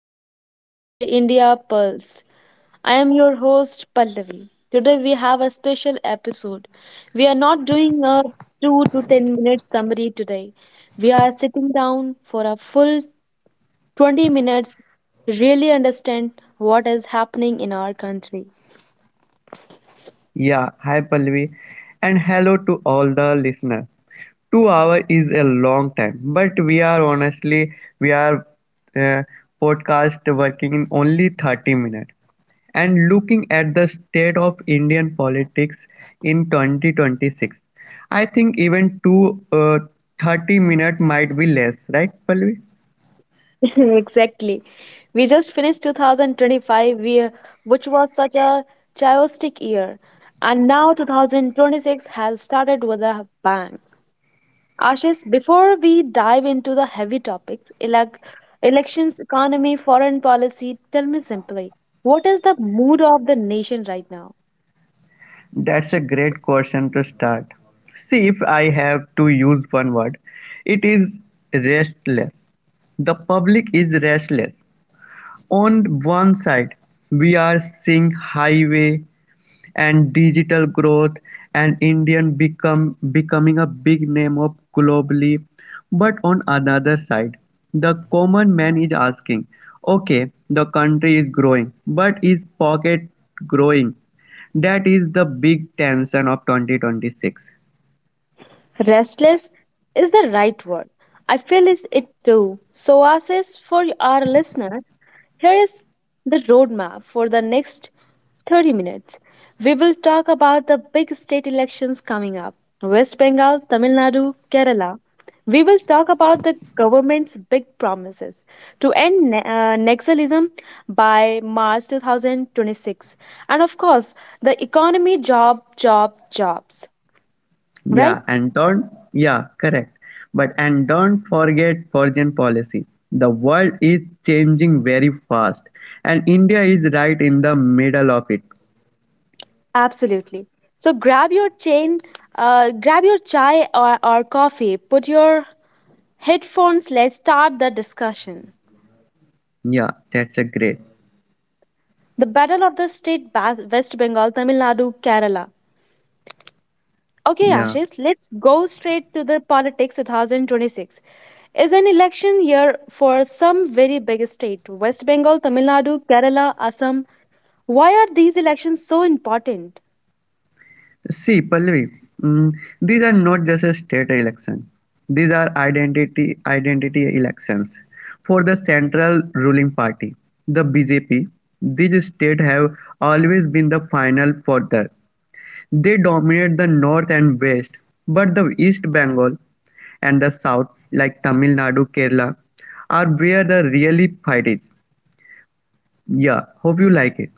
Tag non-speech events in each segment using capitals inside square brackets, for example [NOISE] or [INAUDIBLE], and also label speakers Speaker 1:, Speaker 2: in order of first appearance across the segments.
Speaker 1: You are listening to the India Pulse. I am your host Pallavi. Today we have a special episode. We are not doing a 2 to 10 minute summary today. We are sitting down for a full 20 minutes really understand what is happening in our country.
Speaker 2: Yeah, hi Pallavi, and hello to all the listeners. 2 hour is a long time, but we are honestly we are uh, podcast working in only 30 minutes. And looking at the state of Indian politics in 2026, I think even two 30 minutes might be less, right, Pallavi?
Speaker 1: [LAUGHS] Exactly. We just finished 2025, which was such a chaotic year. And now 2026 has started with a bang. Ashish, before we dive into the heavy topics, elections, economy, foreign policy, tell me simply, what is the mood of the nation right now?
Speaker 2: That's a great question to start. See, if I have to use one word, it is restless. The public is restless. On one side, we are seeing highway and digital growth and Indian become becoming a big name of globally. But on another side, the common man is asking, okay, the country is growing, but is pocket growing? That is the big tension of 2026.
Speaker 1: Restless is the right word. I feel is it too. So, as is for our listeners, here is the roadmap for the next 30 minutes. We will talk about the big state elections coming up West Bengal, Tamil Nadu, Kerala. We will talk about the government's big promises to end Naxalism by March 2026. And of course, the economy, job, job, jobs. Right?
Speaker 2: Yeah, and don't, yeah, correct. But and don't forget foreign policy. The world is changing very fast, and India is right in the middle of it.
Speaker 1: Absolutely. So grab your chain, grab your chai or coffee, put your headphones, let's start the discussion.
Speaker 2: Yeah, that's a great.
Speaker 1: The Battle of the State West Bengal, Tamil Nadu, Kerala. Okay,
Speaker 2: Yeah.
Speaker 1: Ashish, let's go straight to the politics 2026. Is an election year for some very big state, West Bengal, Tamil Nadu, Kerala, Assam. Why are these elections so important?
Speaker 2: See, Pallavi, mm, these are not just a state election. These are identity elections for the central ruling party, the BJP. These state have always been the final fodder. They dominate the north and west, but the East Bengal and the south like Tamil Nadu, Kerala are where the really fight is. Yeah, hope you like it.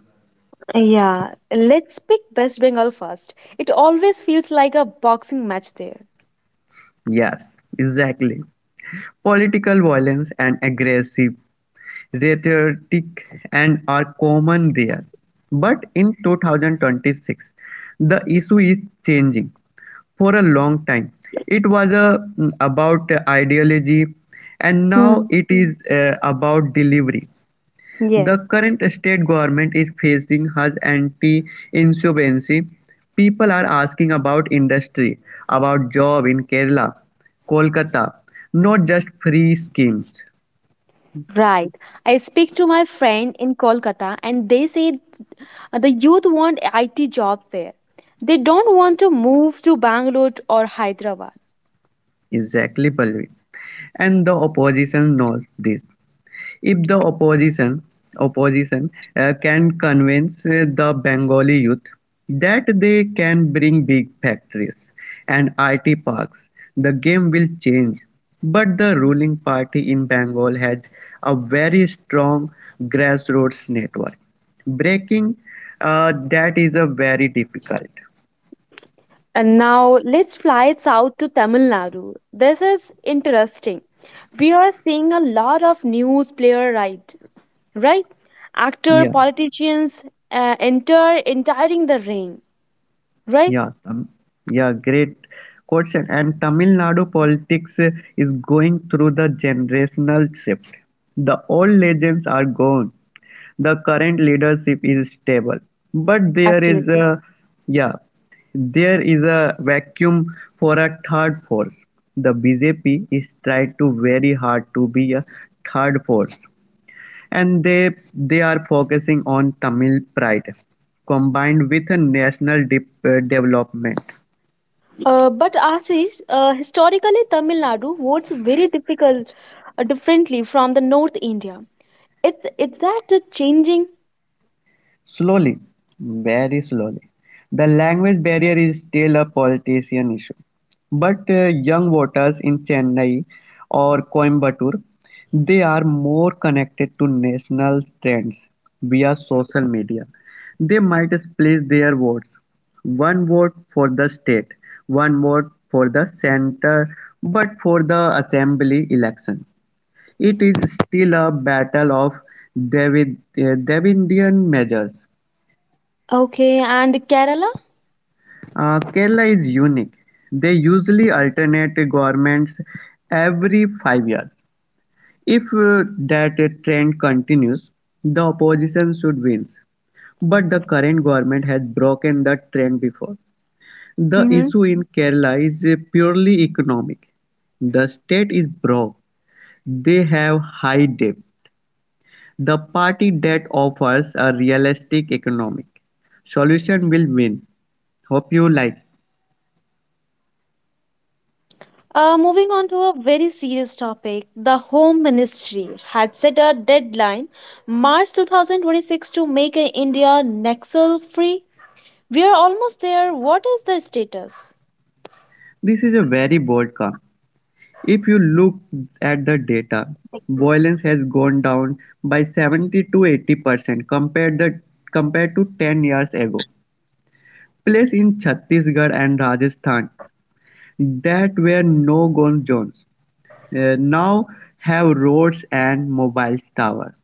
Speaker 1: Yeah, let's pick West Bengal first. It always feels like a boxing match there.
Speaker 2: Yes, exactly. Political violence and aggressive rhetorics and are common there, but in 2026 the issue is changing. For a long time, it was about ideology, and now
Speaker 1: Hmm.
Speaker 2: it is about delivery.
Speaker 1: Yeah.
Speaker 2: The current state government is facing has anti-insolvency. People are asking about industry, about job in Kerala, Kolkata, not just free schemes.
Speaker 1: Right. I speak to my friend in Kolkata and they say the youth want IT jobs there. They don't want to move to Bangalore or Hyderabad.
Speaker 2: Exactly, Palvi. And the opposition knows this. If the opposition can convince the Bengali youth that they can bring big factories and IT parks, the game will change. But the ruling party in Bengal has a very strong grassroots network. Breaking that is a very difficult.
Speaker 1: And now let's fly south to Tamil Nadu. This is interesting. We are seeing a lot of news player right? Actor,
Speaker 2: Yeah.
Speaker 1: politicians entering the ring, right?
Speaker 2: Yeah, um, yeah, great question. And Tamil Nadu politics is going through the generational shift. The old legends are gone. The current leadership is stable, but
Speaker 1: Absolutely.
Speaker 2: yeah, there is a vacuum for a third force. The BJP is trying to very hard to be a third force, and they are focusing on Tamil pride combined with a national development.
Speaker 1: But Ashish, historically Tamil Nadu votes very difficult, differently from the North India. It's that changing?
Speaker 2: Slowly, very slowly, the language barrier is still a politician issue, but young voters in Chennai or Coimbatore, they are more connected to national trends via social media. They might split their votes. One vote for the state, one vote for the center, but for the assembly election. It is still a battle of Davidian measures.
Speaker 1: Okay, and Kerala?
Speaker 2: Kerala is unique; they usually alternate governments every 5 years. If that trend continues, the opposition should win. But the current government has broken the trend before. The issue in Kerala is purely economic. The state is broke. They have high debt. The party that offers a realistic economic solution will win. Hope you like.
Speaker 1: Moving on to a very serious topic, the Home Ministry had set a deadline, March 2026, to make India Nexel free. We are almost there. What is the status?
Speaker 2: This is a very bold call. If you look at the data, violence has gone down by 70 to 80% compared to 10 years ago. Places in Chhattisgarh and Rajasthan that were no-go zones now have roads and mobile towers.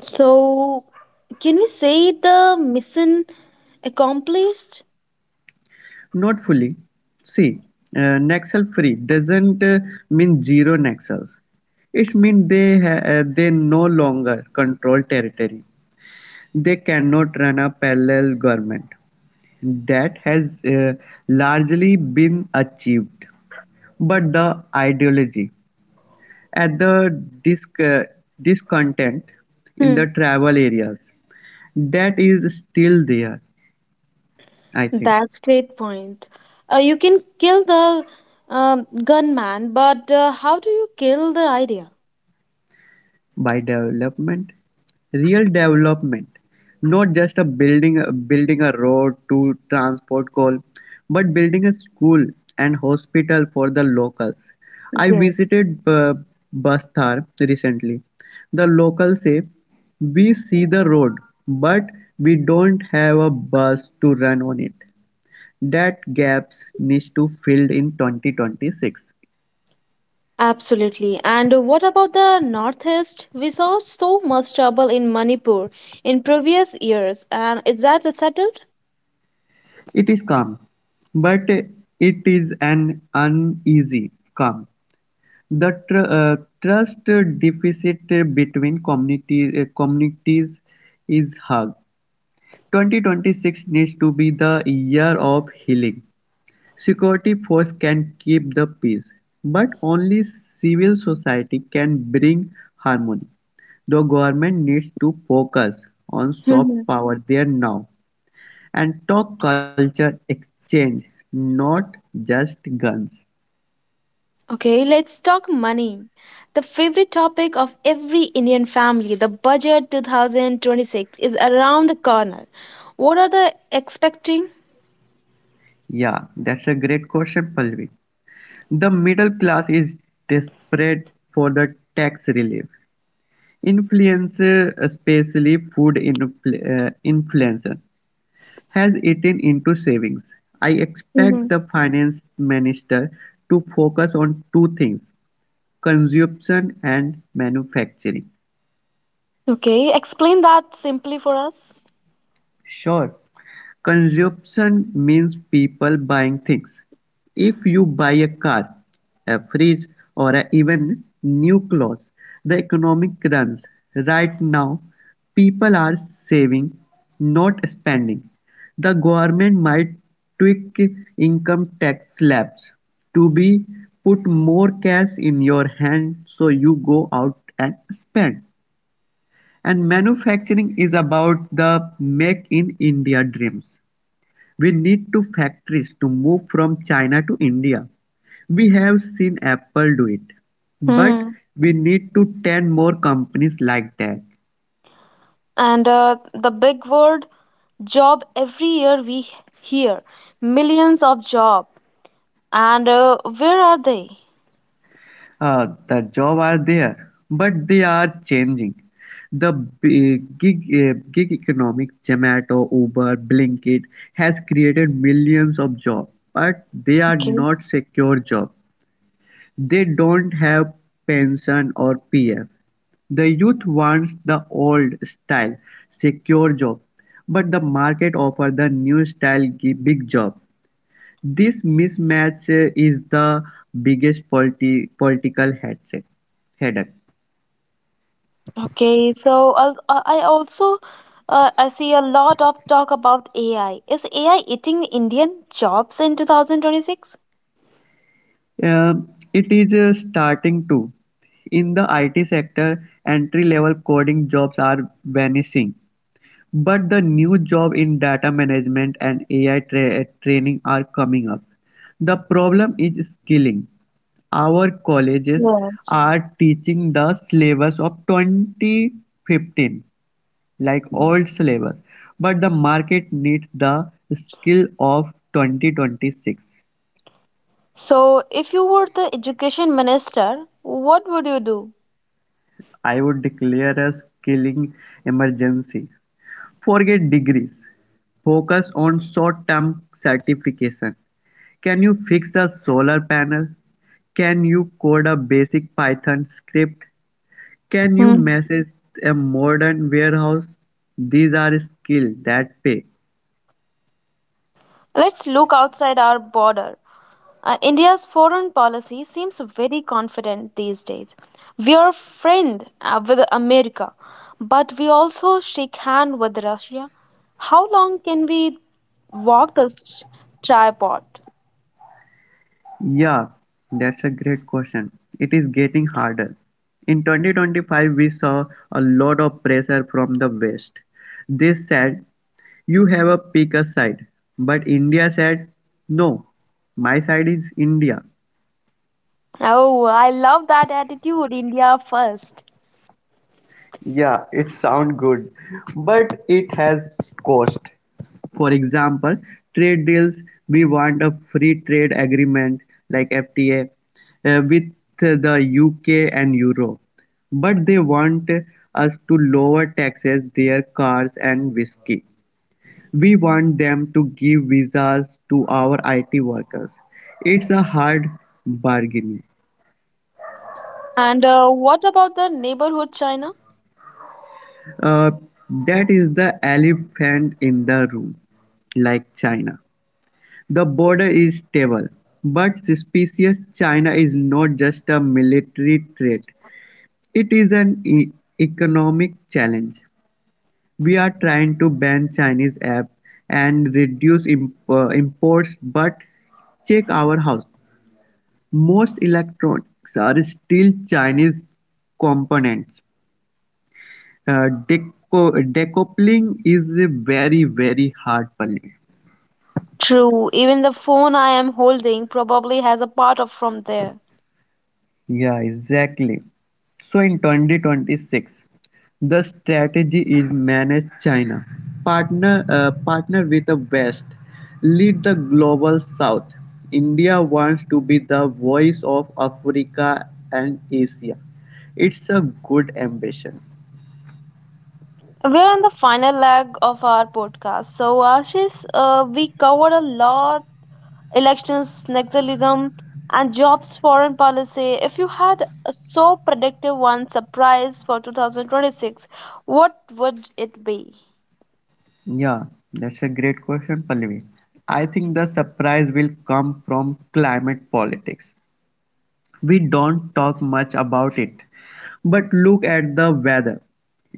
Speaker 1: So, can we say the mission accomplished?
Speaker 2: Not fully. See, Nexel free doesn't mean zero naxals. It means they no longer control territory. They cannot run a parallel government; that has largely been achieved, but the ideology and the discontent in
Speaker 1: Hmm,
Speaker 2: the tribal areas, that is still there, I think.
Speaker 1: that's great point. You can kill the gunman, but how do you kill the idea?
Speaker 2: By development, real development, not just a building a road to transport coal, but building a school and hospital for the locals. I
Speaker 1: Yeah.
Speaker 2: visited uh, Bastar recently. The locals say we see the road, but we don't have a bus to run on it. That gaps needs to filled in 2026.
Speaker 1: Absolutely. And what about the Northeast? We saw so much trouble in Manipur in previous years, and is that settled?
Speaker 2: It is calm, but it is an uneasy calm. The trust deficit between communities is hug. 2026 needs to be the year of healing. Security force can keep the peace, but only civil society can bring harmony. The government needs to focus on soft
Speaker 1: Mhm.
Speaker 2: power there now and talk culture exchange, not just guns.
Speaker 1: Okay, let's talk money. The favorite topic of every Indian family, the budget 2026, is around the corner. What are they expecting?
Speaker 2: Yeah, that's a great question, Palvi. The middle class is desperate for the tax relief. Especially food inflation, has eaten into savings. I expect
Speaker 1: Mhm.
Speaker 2: the finance minister to focus on two things: consumption and manufacturing.
Speaker 1: Okay, explain that simply for us.
Speaker 2: Sure, consumption means people buying things. If you buy a car, a fridge, or even new clothes, the economic runs. Right now, people are saving, not spending. The government might tweak income tax slabs to be put more cash in your hand so you go out and spend. And manufacturing is about the Make in India dreams. We need to factories to move from China to India. We have seen Apple do it, but
Speaker 1: Hmm.
Speaker 2: we need to 10 more companies like that.
Speaker 1: And the big word job every year we hear millions of job And where are they?
Speaker 2: The jobs are there, but they are changing. The gig economic, Zomato, Uber, Blinkit has created millions of jobs, but they are
Speaker 1: Okay.
Speaker 2: not secure jobs. They don't have pension or pf. The youth wants the old-style secure job, but the market offers the new-style big job. This mismatch is the biggest political headache.
Speaker 1: Okay. I see a lot of talk about AI. Is AI eating Indian jobs in 2026?
Speaker 2: It is starting to. In the IT sector, entry-level coding jobs are vanishing. But the new job in data management and AI training are coming up. The problem is skilling. Our colleges
Speaker 1: Yes.
Speaker 2: are teaching the syllabus of 2015, like old syllabus, but the market needs the skill of 2026.
Speaker 1: So if you were the education minister, what would you do?
Speaker 2: I would declare a skilling emergency. Forget degrees. Focus on short-term certification. Can you fix a solar panel? Can you code a basic Python script? Can you
Speaker 1: Hmm.
Speaker 2: manage a modern warehouse? These are skills that pay.
Speaker 1: Let's look outside our border. India's foreign policy seems very confident these days. We are friend with America, but we also shake hand with Russia. How long can we walk this tripod?
Speaker 2: Yeah, that's a great question. It is getting harder. In 2025, we saw a lot of pressure from the West. They said, "You have a pick a side." But India said, "No, my side is India."
Speaker 1: Oh, I love that attitude, India first.
Speaker 2: Yeah, it sounds good, but it has cost. For example, trade deals, we want a free trade agreement like FTA with the UK and Euro, but they want us to lower taxes their cars and whiskey. We want them to give visas to our IT workers. It's a hard bargain.
Speaker 1: And what about the neighborhood China?
Speaker 2: Uh, That is the elephant in the room. Like China, the border is stable but suspicious. China is not just a military threat, it is an economic challenge. We are trying to ban Chinese apps and reduce imports, but check our house. Most electronics are still Chinese components. Decoupling is a very, very hard problem.
Speaker 1: True, even the phone I am holding probably has a part of from there.
Speaker 2: Yeah, exactly. So in 2026, the strategy is manage China, partner with the West, lead the global South. India wants to be the voice of Africa and Asia. It's a good ambition.
Speaker 1: We're on the final leg of our podcast. So, Ashish, we covered a lot elections, nationalism, and jobs foreign policy. If you had a so predictive one surprise for 2026, what would it be?
Speaker 2: Yeah, that's a great question, Pallavi. I think the surprise will come from climate politics. We don't talk much about it, but look at the weather.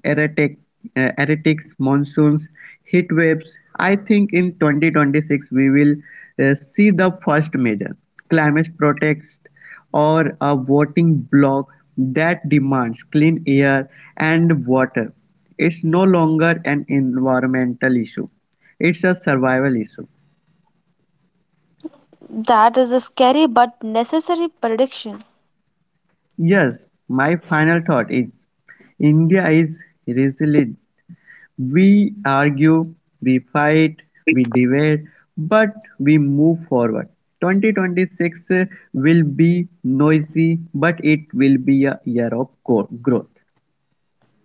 Speaker 2: Erratic, Erratics, monsoons, heat waves. I think in 2026 we will see the first major climate protest or a voting bloc that demands clean air and water. It's no longer an environmental issue. It's a survival issue.
Speaker 1: That is a scary but necessary prediction.
Speaker 2: Yes, my final thought is India is resilient. We argue, we fight, we debate, but we move forward. 2026 will be noisy, but it will be a year of growth.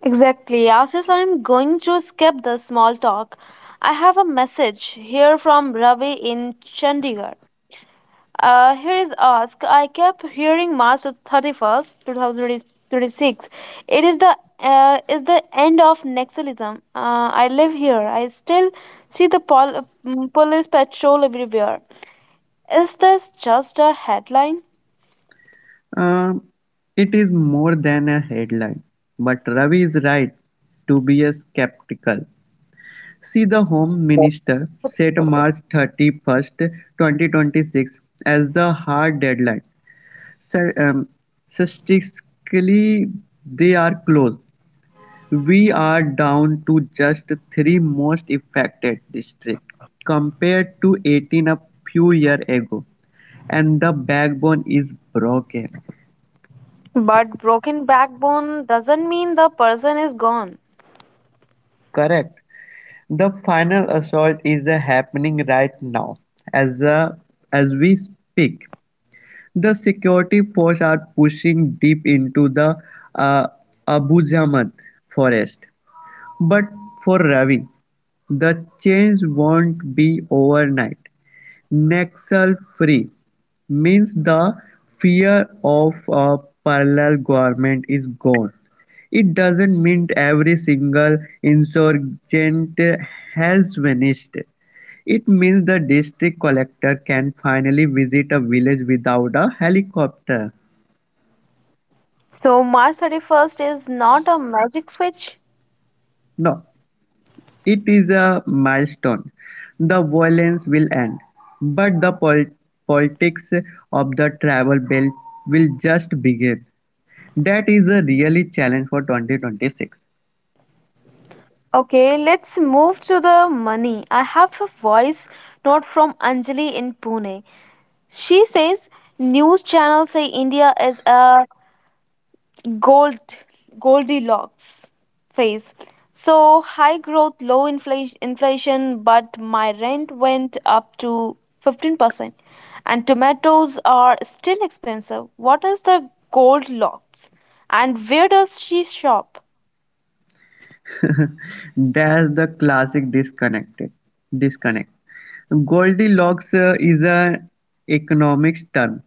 Speaker 1: Exactly. As is, I'm going to skip the small talk, I have a message here from Ravi in Chandigarh. Here is ask. I kept hearing March 31st, 2026. It is the end of Nexalism. I live here. I still see the police patrol everywhere. Is this just a headline?
Speaker 2: Um, it is more than a headline, but Ravi is right to be a skeptical. See, the Home Minister set March 31st, 2026 as the hard deadline. So, statistically, they are close. We are down to just three most affected districts, compared to 18 a few years ago, and the backbone is broken.
Speaker 1: But broken backbone doesn't mean the person is gone.
Speaker 2: Correct. The final assault is happening right now as uh, as we speak. The security force are pushing deep into the uh, Abu Jamad forest. But for Ravi, the change won't be overnight. "Nexel-free" means the fear of a parallel government is gone; it doesn't mean every single insurgent has vanished, it means the district collector can finally visit a village without a helicopter.
Speaker 1: So March 31st is not a magic switch.
Speaker 2: No, it is a milestone. The violence will end, but the politics of the travel belt will just begin. That is a really challenge for 2026.
Speaker 1: Okay, let's move to the money. I have a voice note from Anjali in Pune. She says news channels say India is a gold Goldilocks phase. So high growth, low inflation, but my rent went up to 15% and tomatoes are still expensive. What is the Goldilocks and where does she shop?
Speaker 2: [LAUGHS] That's the classic Disconnect. Goldilocks is an economics term.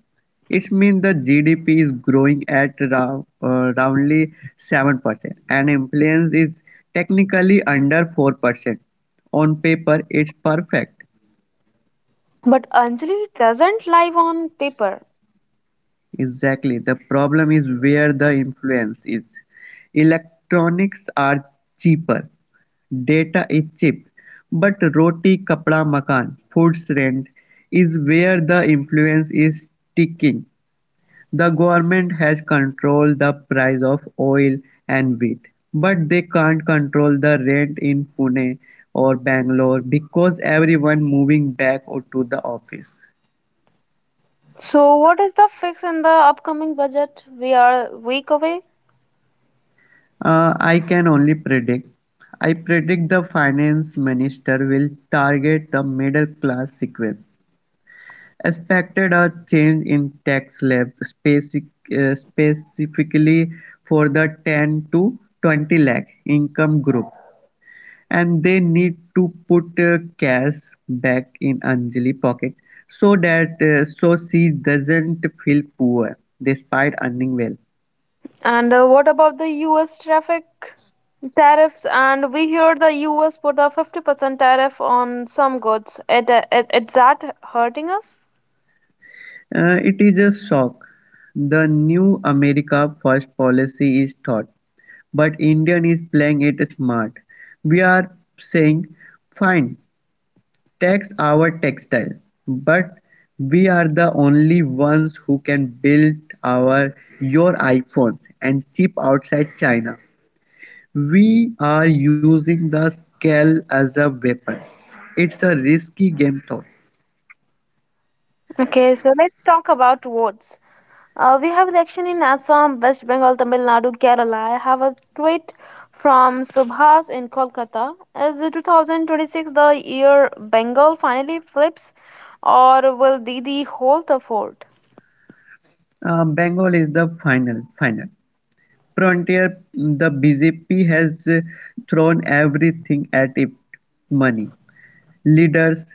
Speaker 2: It means the GDP is growing at roundly 7% and inflation is technically under 4%. On paper, it's perfect.
Speaker 1: But Anjali doesn't live on paper.
Speaker 2: Exactly, the problem is where the influence is. Electronics are cheaper, data is cheap, but roti, kapda, makan, food's rent is where the influence is sticking. The government has controlled the price of oil and wheat, but they can't control the rent in Pune or Bangalore because everyone moving back or to the office.
Speaker 1: So, what is the fix in the upcoming budget? We are a week away.
Speaker 2: I can only predict. I predict the finance minister will target the middle class sequence, expected a change in tax slab specifically for the 10 to 20 lakh income group, and they need to put cash back in Anjali pocket so that she doesn't feel poor despite earning well.
Speaker 1: And what about the US traffic tariffs? And we hear the US put a 50% tariff on some goods. It is that hurting us?
Speaker 2: It is a shock. The new America First policy is taught, but Indian is playing it smart. We are saying, fine, tax our textile, but we are the only ones who can build our your iPhones and chip outside China. We are using the scale as a weapon. It's a risky game though.
Speaker 1: Okay, so let's talk about votes. We have election in Assam, West Bengal, Tamil Nadu, Kerala. I have a tweet from Subhas in Kolkata. Is 2026 the year Bengal finally flips, or will Didi hold the fort?
Speaker 2: Bengal is the final frontier, the bjp has thrown everything at it: money, leaders,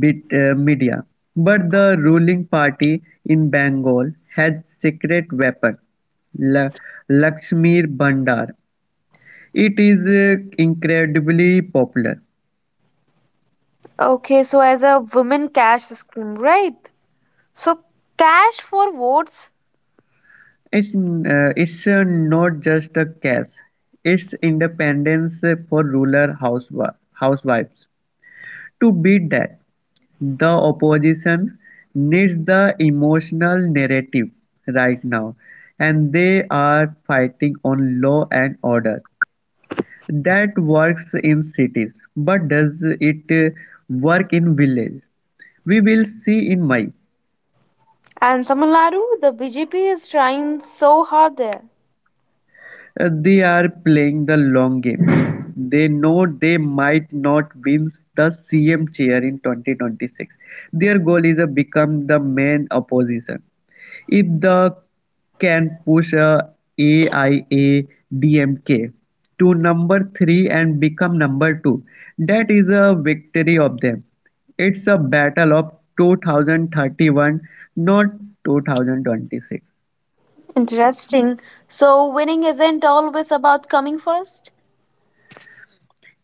Speaker 2: media. But the ruling party in Bengal has secret weapon, La- Lakshmi Bandar. It is incredibly popular.
Speaker 1: Okay, so as a women cash scheme, right? So cash for votes
Speaker 2: It's not just a cash. It's independence for rural housewives. To beat that, the opposition needs the emotional narrative right now, and they are fighting on law and order. That works in cities, but does it work in villages? We will see in May.
Speaker 1: and Tamil Nadu, the BJP is trying so hard there.
Speaker 2: They are playing the long game. They know they might not win the CM chair in 2026. Their goal is to become the main opposition. If the can push a AIADMK to number three and become number two. That is a victory of them. It's a battle of 2031, not 2026.
Speaker 1: Interesting. So winning isn't always about coming first.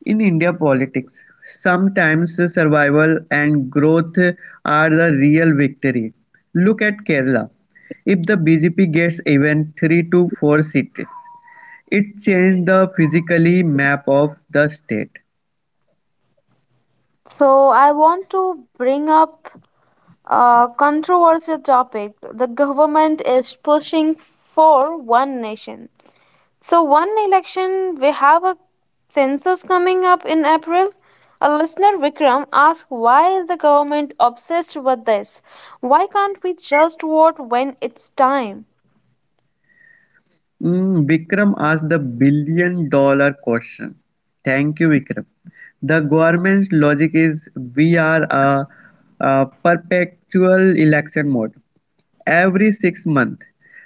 Speaker 2: In India politics, sometimes survival and growth are the real victory. Look at Kerala. If the BJP gets even 3 to 4 seats, it changed the physically map of the state.
Speaker 1: So I want to bring up a controversial topic. The government is pushing for one nation. So, one election, we have a census coming up in April. A listener, Vikram, asked why is the government obsessed with this? Why can't we just vote when it's time?
Speaker 2: Vikram asked the billion dollar question. Thank you, Vikram. The government's logic is we are a perpetual election mode. Every 6 months,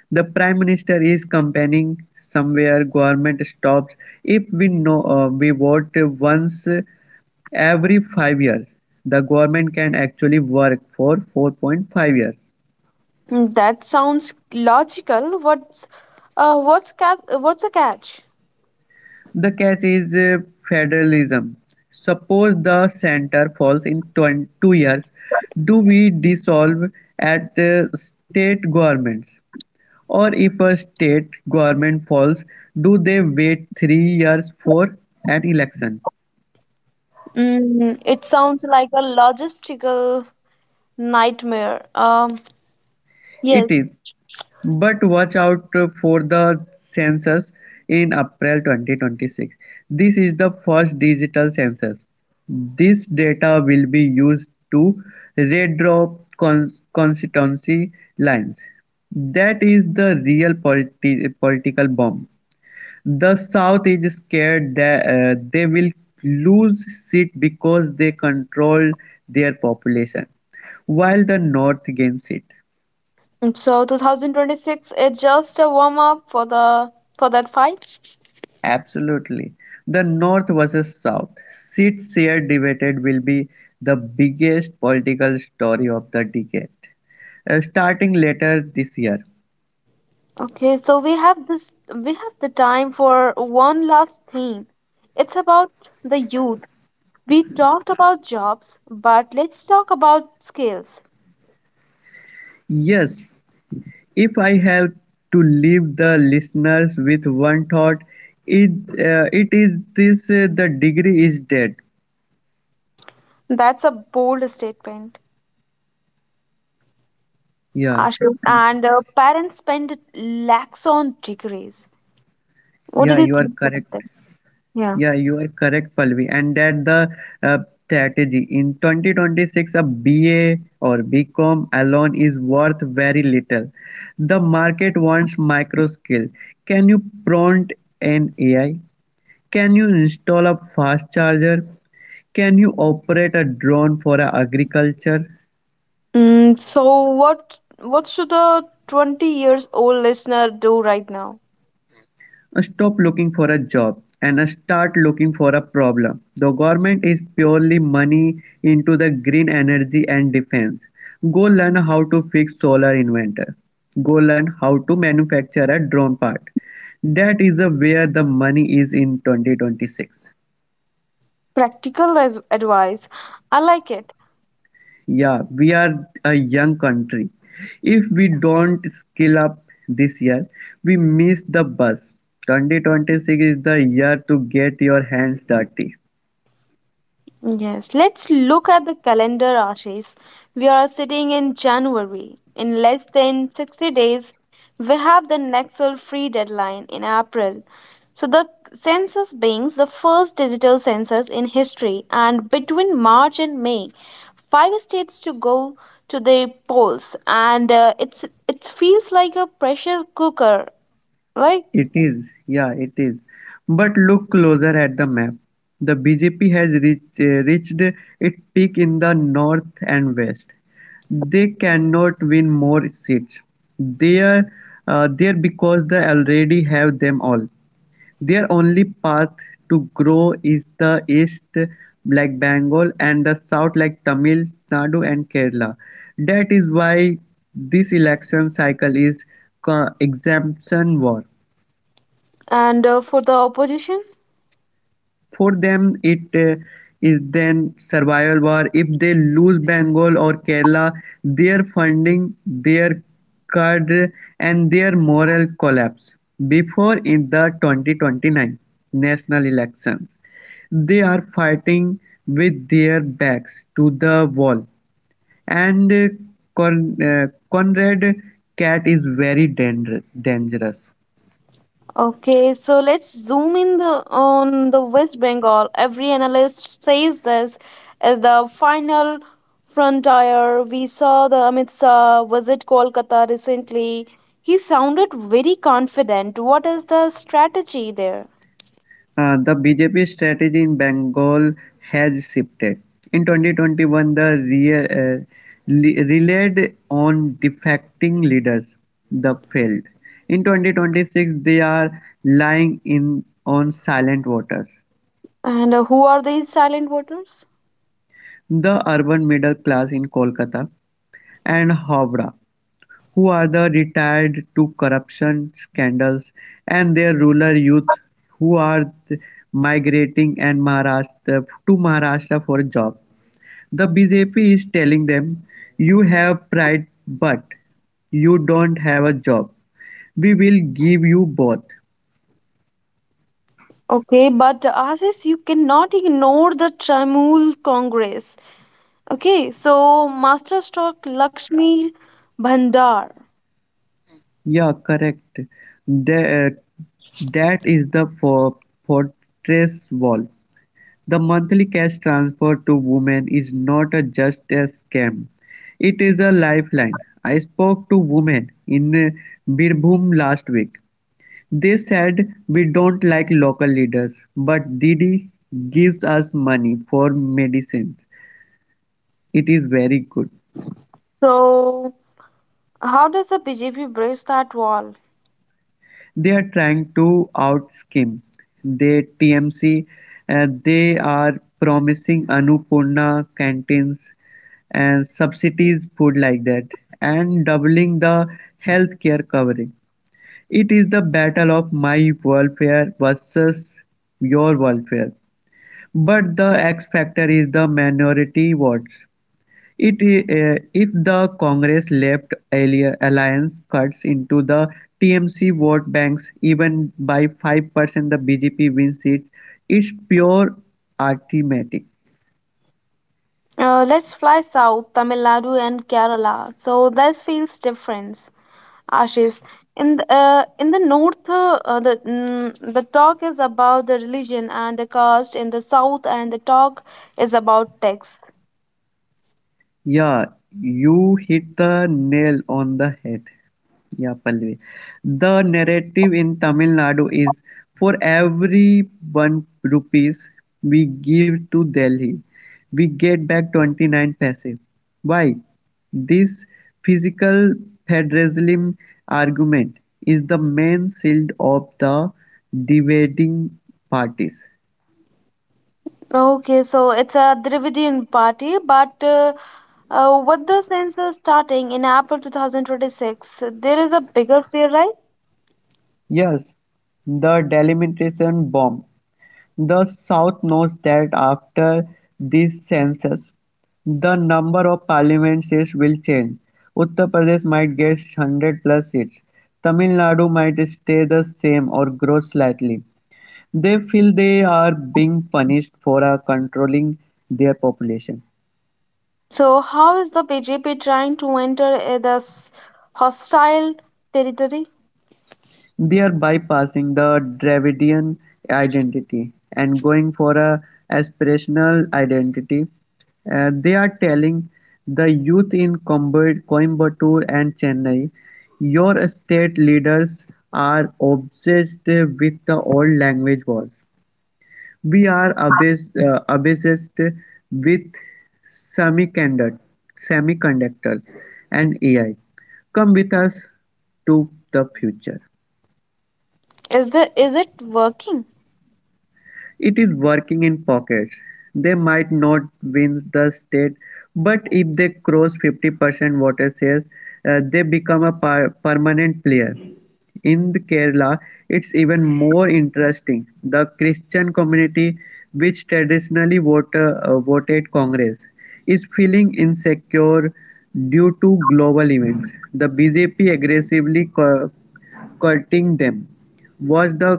Speaker 2: the prime minister is campaigning somewhere. Government stops if we know we vote once every 5 years. The government can actually work for 4.5 years.
Speaker 1: Hmm, that sounds logical. What's the catch?
Speaker 2: The catch is federalism: suppose the Centre falls in 2 years, do we dissolve at state governments? Or if a state government falls, do they wait 3 years for an election?
Speaker 1: Mm, it sounds like a logistical nightmare.
Speaker 2: It
Speaker 1: Yes.
Speaker 2: is. But watch out for the census in April 2026. This is the first digital census. This data will be used to redraw constituency lines. That is the real political bomb. The South is scared that they will lose seat because they control their population, while the North gains seat.
Speaker 1: Mm, so 2026 is just a warm up for the for that fight.
Speaker 2: Absolutely. The North versus South seats share debated will be the biggest political story of the decade, starting later this year.
Speaker 1: Okay, so we have the time for one last thing. It's about the youth. We talked about jobs, but let's talk about skills.
Speaker 2: Yes, if I have to leave the listeners with one thought, it it is this: the degree is dead.
Speaker 1: That's a bold statement.
Speaker 2: Yeah,
Speaker 1: Ashu and parents spend lakhs on degrees. What did
Speaker 2: yeah,
Speaker 1: you
Speaker 2: you are
Speaker 1: think about
Speaker 2: correct.
Speaker 1: that? Yeah.
Speaker 2: Yeah, you are correct, Palvi, and that the uh, strategy in 2026 a BA or BCom alone is worth very little. The market wants micro skill. Can you prompt an AI? Can you install a fast charger? Can you operate a drone for a agriculture?
Speaker 1: Mm, so what what should a 20 years old listener do right now?
Speaker 2: Stop looking for a job and start looking for a problem. The government is purely money into the green energy and defense. Go learn how to fix solar inverter. Go learn how to manufacture a drone part. That is where the money is in 2026.
Speaker 1: Practical advice. I like it.
Speaker 2: Yeah, we are a young country. If we don't skill up this year, we miss the bus. 2026 is the year to get your hands dirty.
Speaker 1: Yes, let's look at the calendar, Ashish. We are sitting in January. In less than 60 days, we have the Nexel free deadline in April. So, the census being the first digital census in history, and between March and May, five states to go to the polls, and it feels like a pressure cooker, right?
Speaker 2: It is, yeah, it is. But look closer at the map. The BJP has reached its peak in the north and west. They cannot win more seats. They are there because they already have them all. Their only path to grow is the east like Bengal and the south like Tamil Nadu and Kerala. That is why this election cycle is exemption war.
Speaker 1: And for the opposition.
Speaker 2: For them it is then survival war, if they lose Bengal or Kerala, their funding, their cadre and their morale collapse. Before in the 2029 national elections, they are fighting with their backs to the wall and Con- uh, Conrad cat is very dangerous.
Speaker 1: Okay, so let's zoom in on the West Bengal. Every analyst says this is the final frontier. We saw the Amit Shah visit Kolkata recently. He sounded very confident. What is the strategy there?
Speaker 2: The BJP strategy in Bengal has shifted. In 2021, the relied on defecting leaders, the failed. In 2026, they are lying in on silent waters.
Speaker 1: And who are these silent voters?
Speaker 2: The urban middle class in Kolkata and Howrah, who are the retired to corruption scandals, and their rural youth who are migrating and Maharashtra to Maharashtra for a job. The bjp is telling them, you have pride but you don't have a job. We will give you both.
Speaker 1: Okay, but Ashish, you cannot ignore the Trinamool Congress. Okay, so master stock, Lakshmi Bhandar.
Speaker 2: Yeah, correct. That, that is the fortress wall. The monthly cash transfer to women is not a just a scam. It is a lifeline. I spoke to women in Birbhum last week. They said 'We don't like local leaders, but Didi gives us money for medicines, it's very good.'
Speaker 1: So how does the BJP bridge that wall?
Speaker 2: They're trying to out-scheme the TMC, they are promising Annapurna canteens and subsidies, food like that, and doubling the healthcare covering. It is the battle of my welfare versus your welfare. But the X-factor is the minority votes; It if the Congress-left alliance cuts into the TMC vote banks even by 5%, the BJP wins seats; it's pure arithmetic.
Speaker 1: Let's fly south, Tamil Nadu and Kerala. So this feels different, Ashish. In the north, the talk is about the religion and the caste. In the south, and the talk is about tax.
Speaker 2: Yeah, you hit the nail on the head. Yeah, Pallavi. The narrative in Tamil Nadu is, for every one rupees we give to Delhi, we get back 29 paise. Why? This physical federalism argument is the main shield of the dividing parties.
Speaker 1: Okay, so it's a Dravidian party, but with the census starting in April 2026, there is a bigger fear, right?
Speaker 2: Yes, the delimitation bomb. The South notes that after this census, the number of parliament seats will change. Uttar Pradesh might get 100 plus seats. Tamil Nadu might stay the same or grow slightly. They feel they are being punished for controlling their population.
Speaker 1: So, how is the BJP trying to enter this hostile territory?
Speaker 2: Thereby bypassing the Dravidian identity and going for a aspirational identity. They are telling the youth in Coimbatore and Chennai, your state leaders are obsessed with the old language wars. We are obsessed with semiconduct, semiconductors and AI. Come with us to the future.
Speaker 1: Is the is it working?
Speaker 2: It is working in pockets. They might not win the state, but if they cross 50% voter shares, they become a permanent player. In the Kerala, it's even more interesting. The Christian community, which traditionally voted Congress, is feeling insecure due to global events. The BJP aggressively courting them. Was the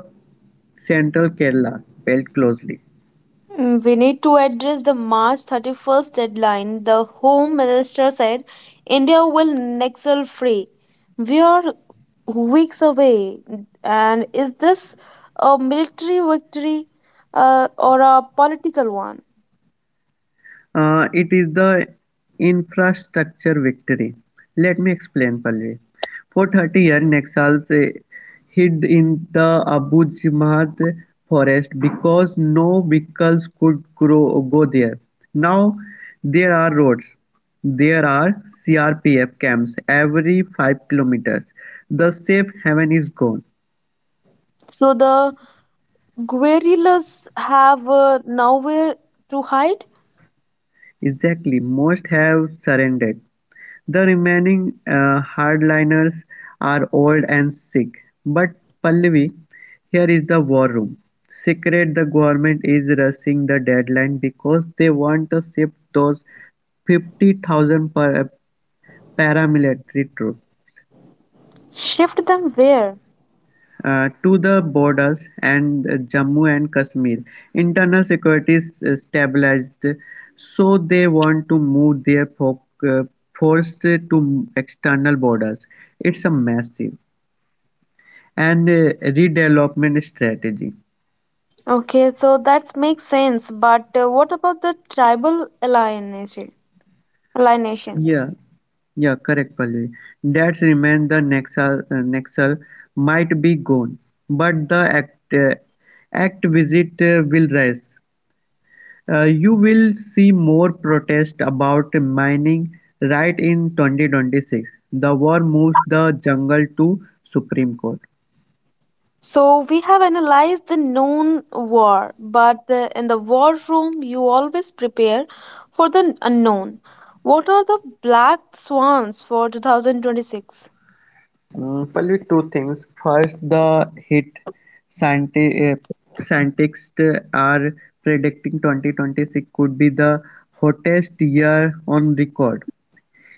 Speaker 2: Central Kerala felt closely.
Speaker 1: Mm, we need to address the March 31st deadline. The Home Minister said India will Nexel free. We are weeks away, and is this a military victory or a political one?
Speaker 2: It is the infrastructure victory. Let me explain, Palvi. For 30 years, Naxals hid in the Abu Jamaat forest because no vehicles could go there. Now there are roads. There are CRPF camps every 5 kilometers. The safe haven is gone.
Speaker 1: So the guerrillas have nowhere to hide.
Speaker 2: Exactly, most have surrendered; the remaining hardliners are old and sick. But Pallavi, here is the war room. Secret the government is rushing the deadline because they want to ship those 50,000 paramilitary troops.
Speaker 1: Shift them where?
Speaker 2: To the borders and Jammu and Kashmir, internal security is stabilized, so they want to move their uh, force to external borders. It's a massive and redevelopment strategy.
Speaker 1: Okay, so that makes sense. But what about the tribal alienation? Alienations.
Speaker 2: Yeah, yeah, correct, Pallavi. That remains the Nexal might be gone, but the act visit will rise. You will see more protest about mining right in 2026. The war moves the jungle to Supreme Court.
Speaker 1: So we have analyzed the known war, but in the war room, you always prepare for the unknown. What are the black swans for 2026?
Speaker 2: Probably two things. First, the hit scienti- uh, scientists are predicting 2026 could be the hottest year on record.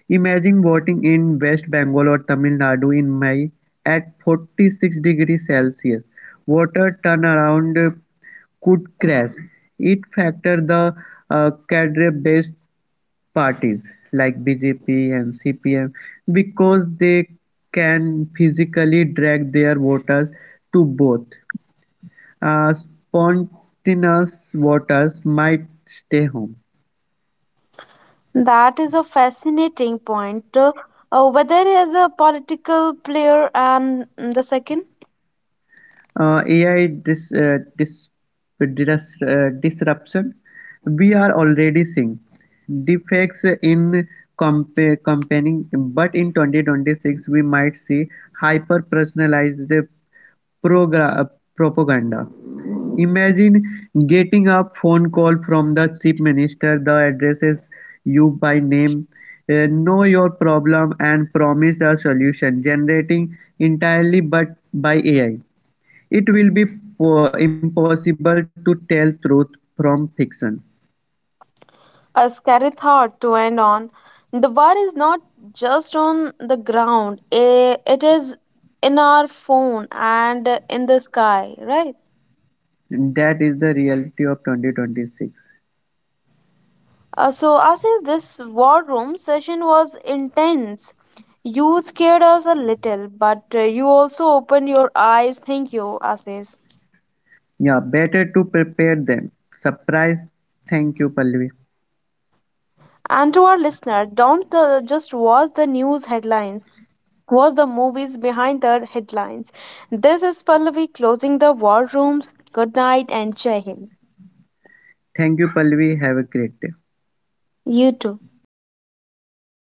Speaker 2: Imagine voting in West Bengal or Tamil Nadu in May at 46 degrees Celsius. Water turnaround could crash. It factored the cadre-based parties like BJP and CPM because they can physically drag their voters to both. Spontaneous voters might stay home.
Speaker 1: That is a fascinating point. Whether as a political player and the second.
Speaker 2: AI disruption, we are already seeing defects in comp- company, but in 2026 we might see hyper personalized propaganda. Imagine getting a phone call from the chief minister, the addresses you by name, know your problem, and promise a solution, generating entirely but by AI. It will be impossible to tell truth from fiction.
Speaker 1: A scary thought to end on. The war is not just on the ground, eh, it is in our phone and in the sky, right?
Speaker 2: That is the reality of 2026.
Speaker 1: So, Asif, this war room session was intense. You scared us a little, but you also opened your eyes. Thank you, Asif.
Speaker 2: Yeah, better to prepare them. Surprise. Thank you, Palvi.
Speaker 1: And to our listener, don't just watch the news headlines. Was the movies behind the headlines. This is Pallavi closing the war rooms. Good night and Jai Hind.
Speaker 2: Thank you, Palvi. Have a great day.
Speaker 1: You too.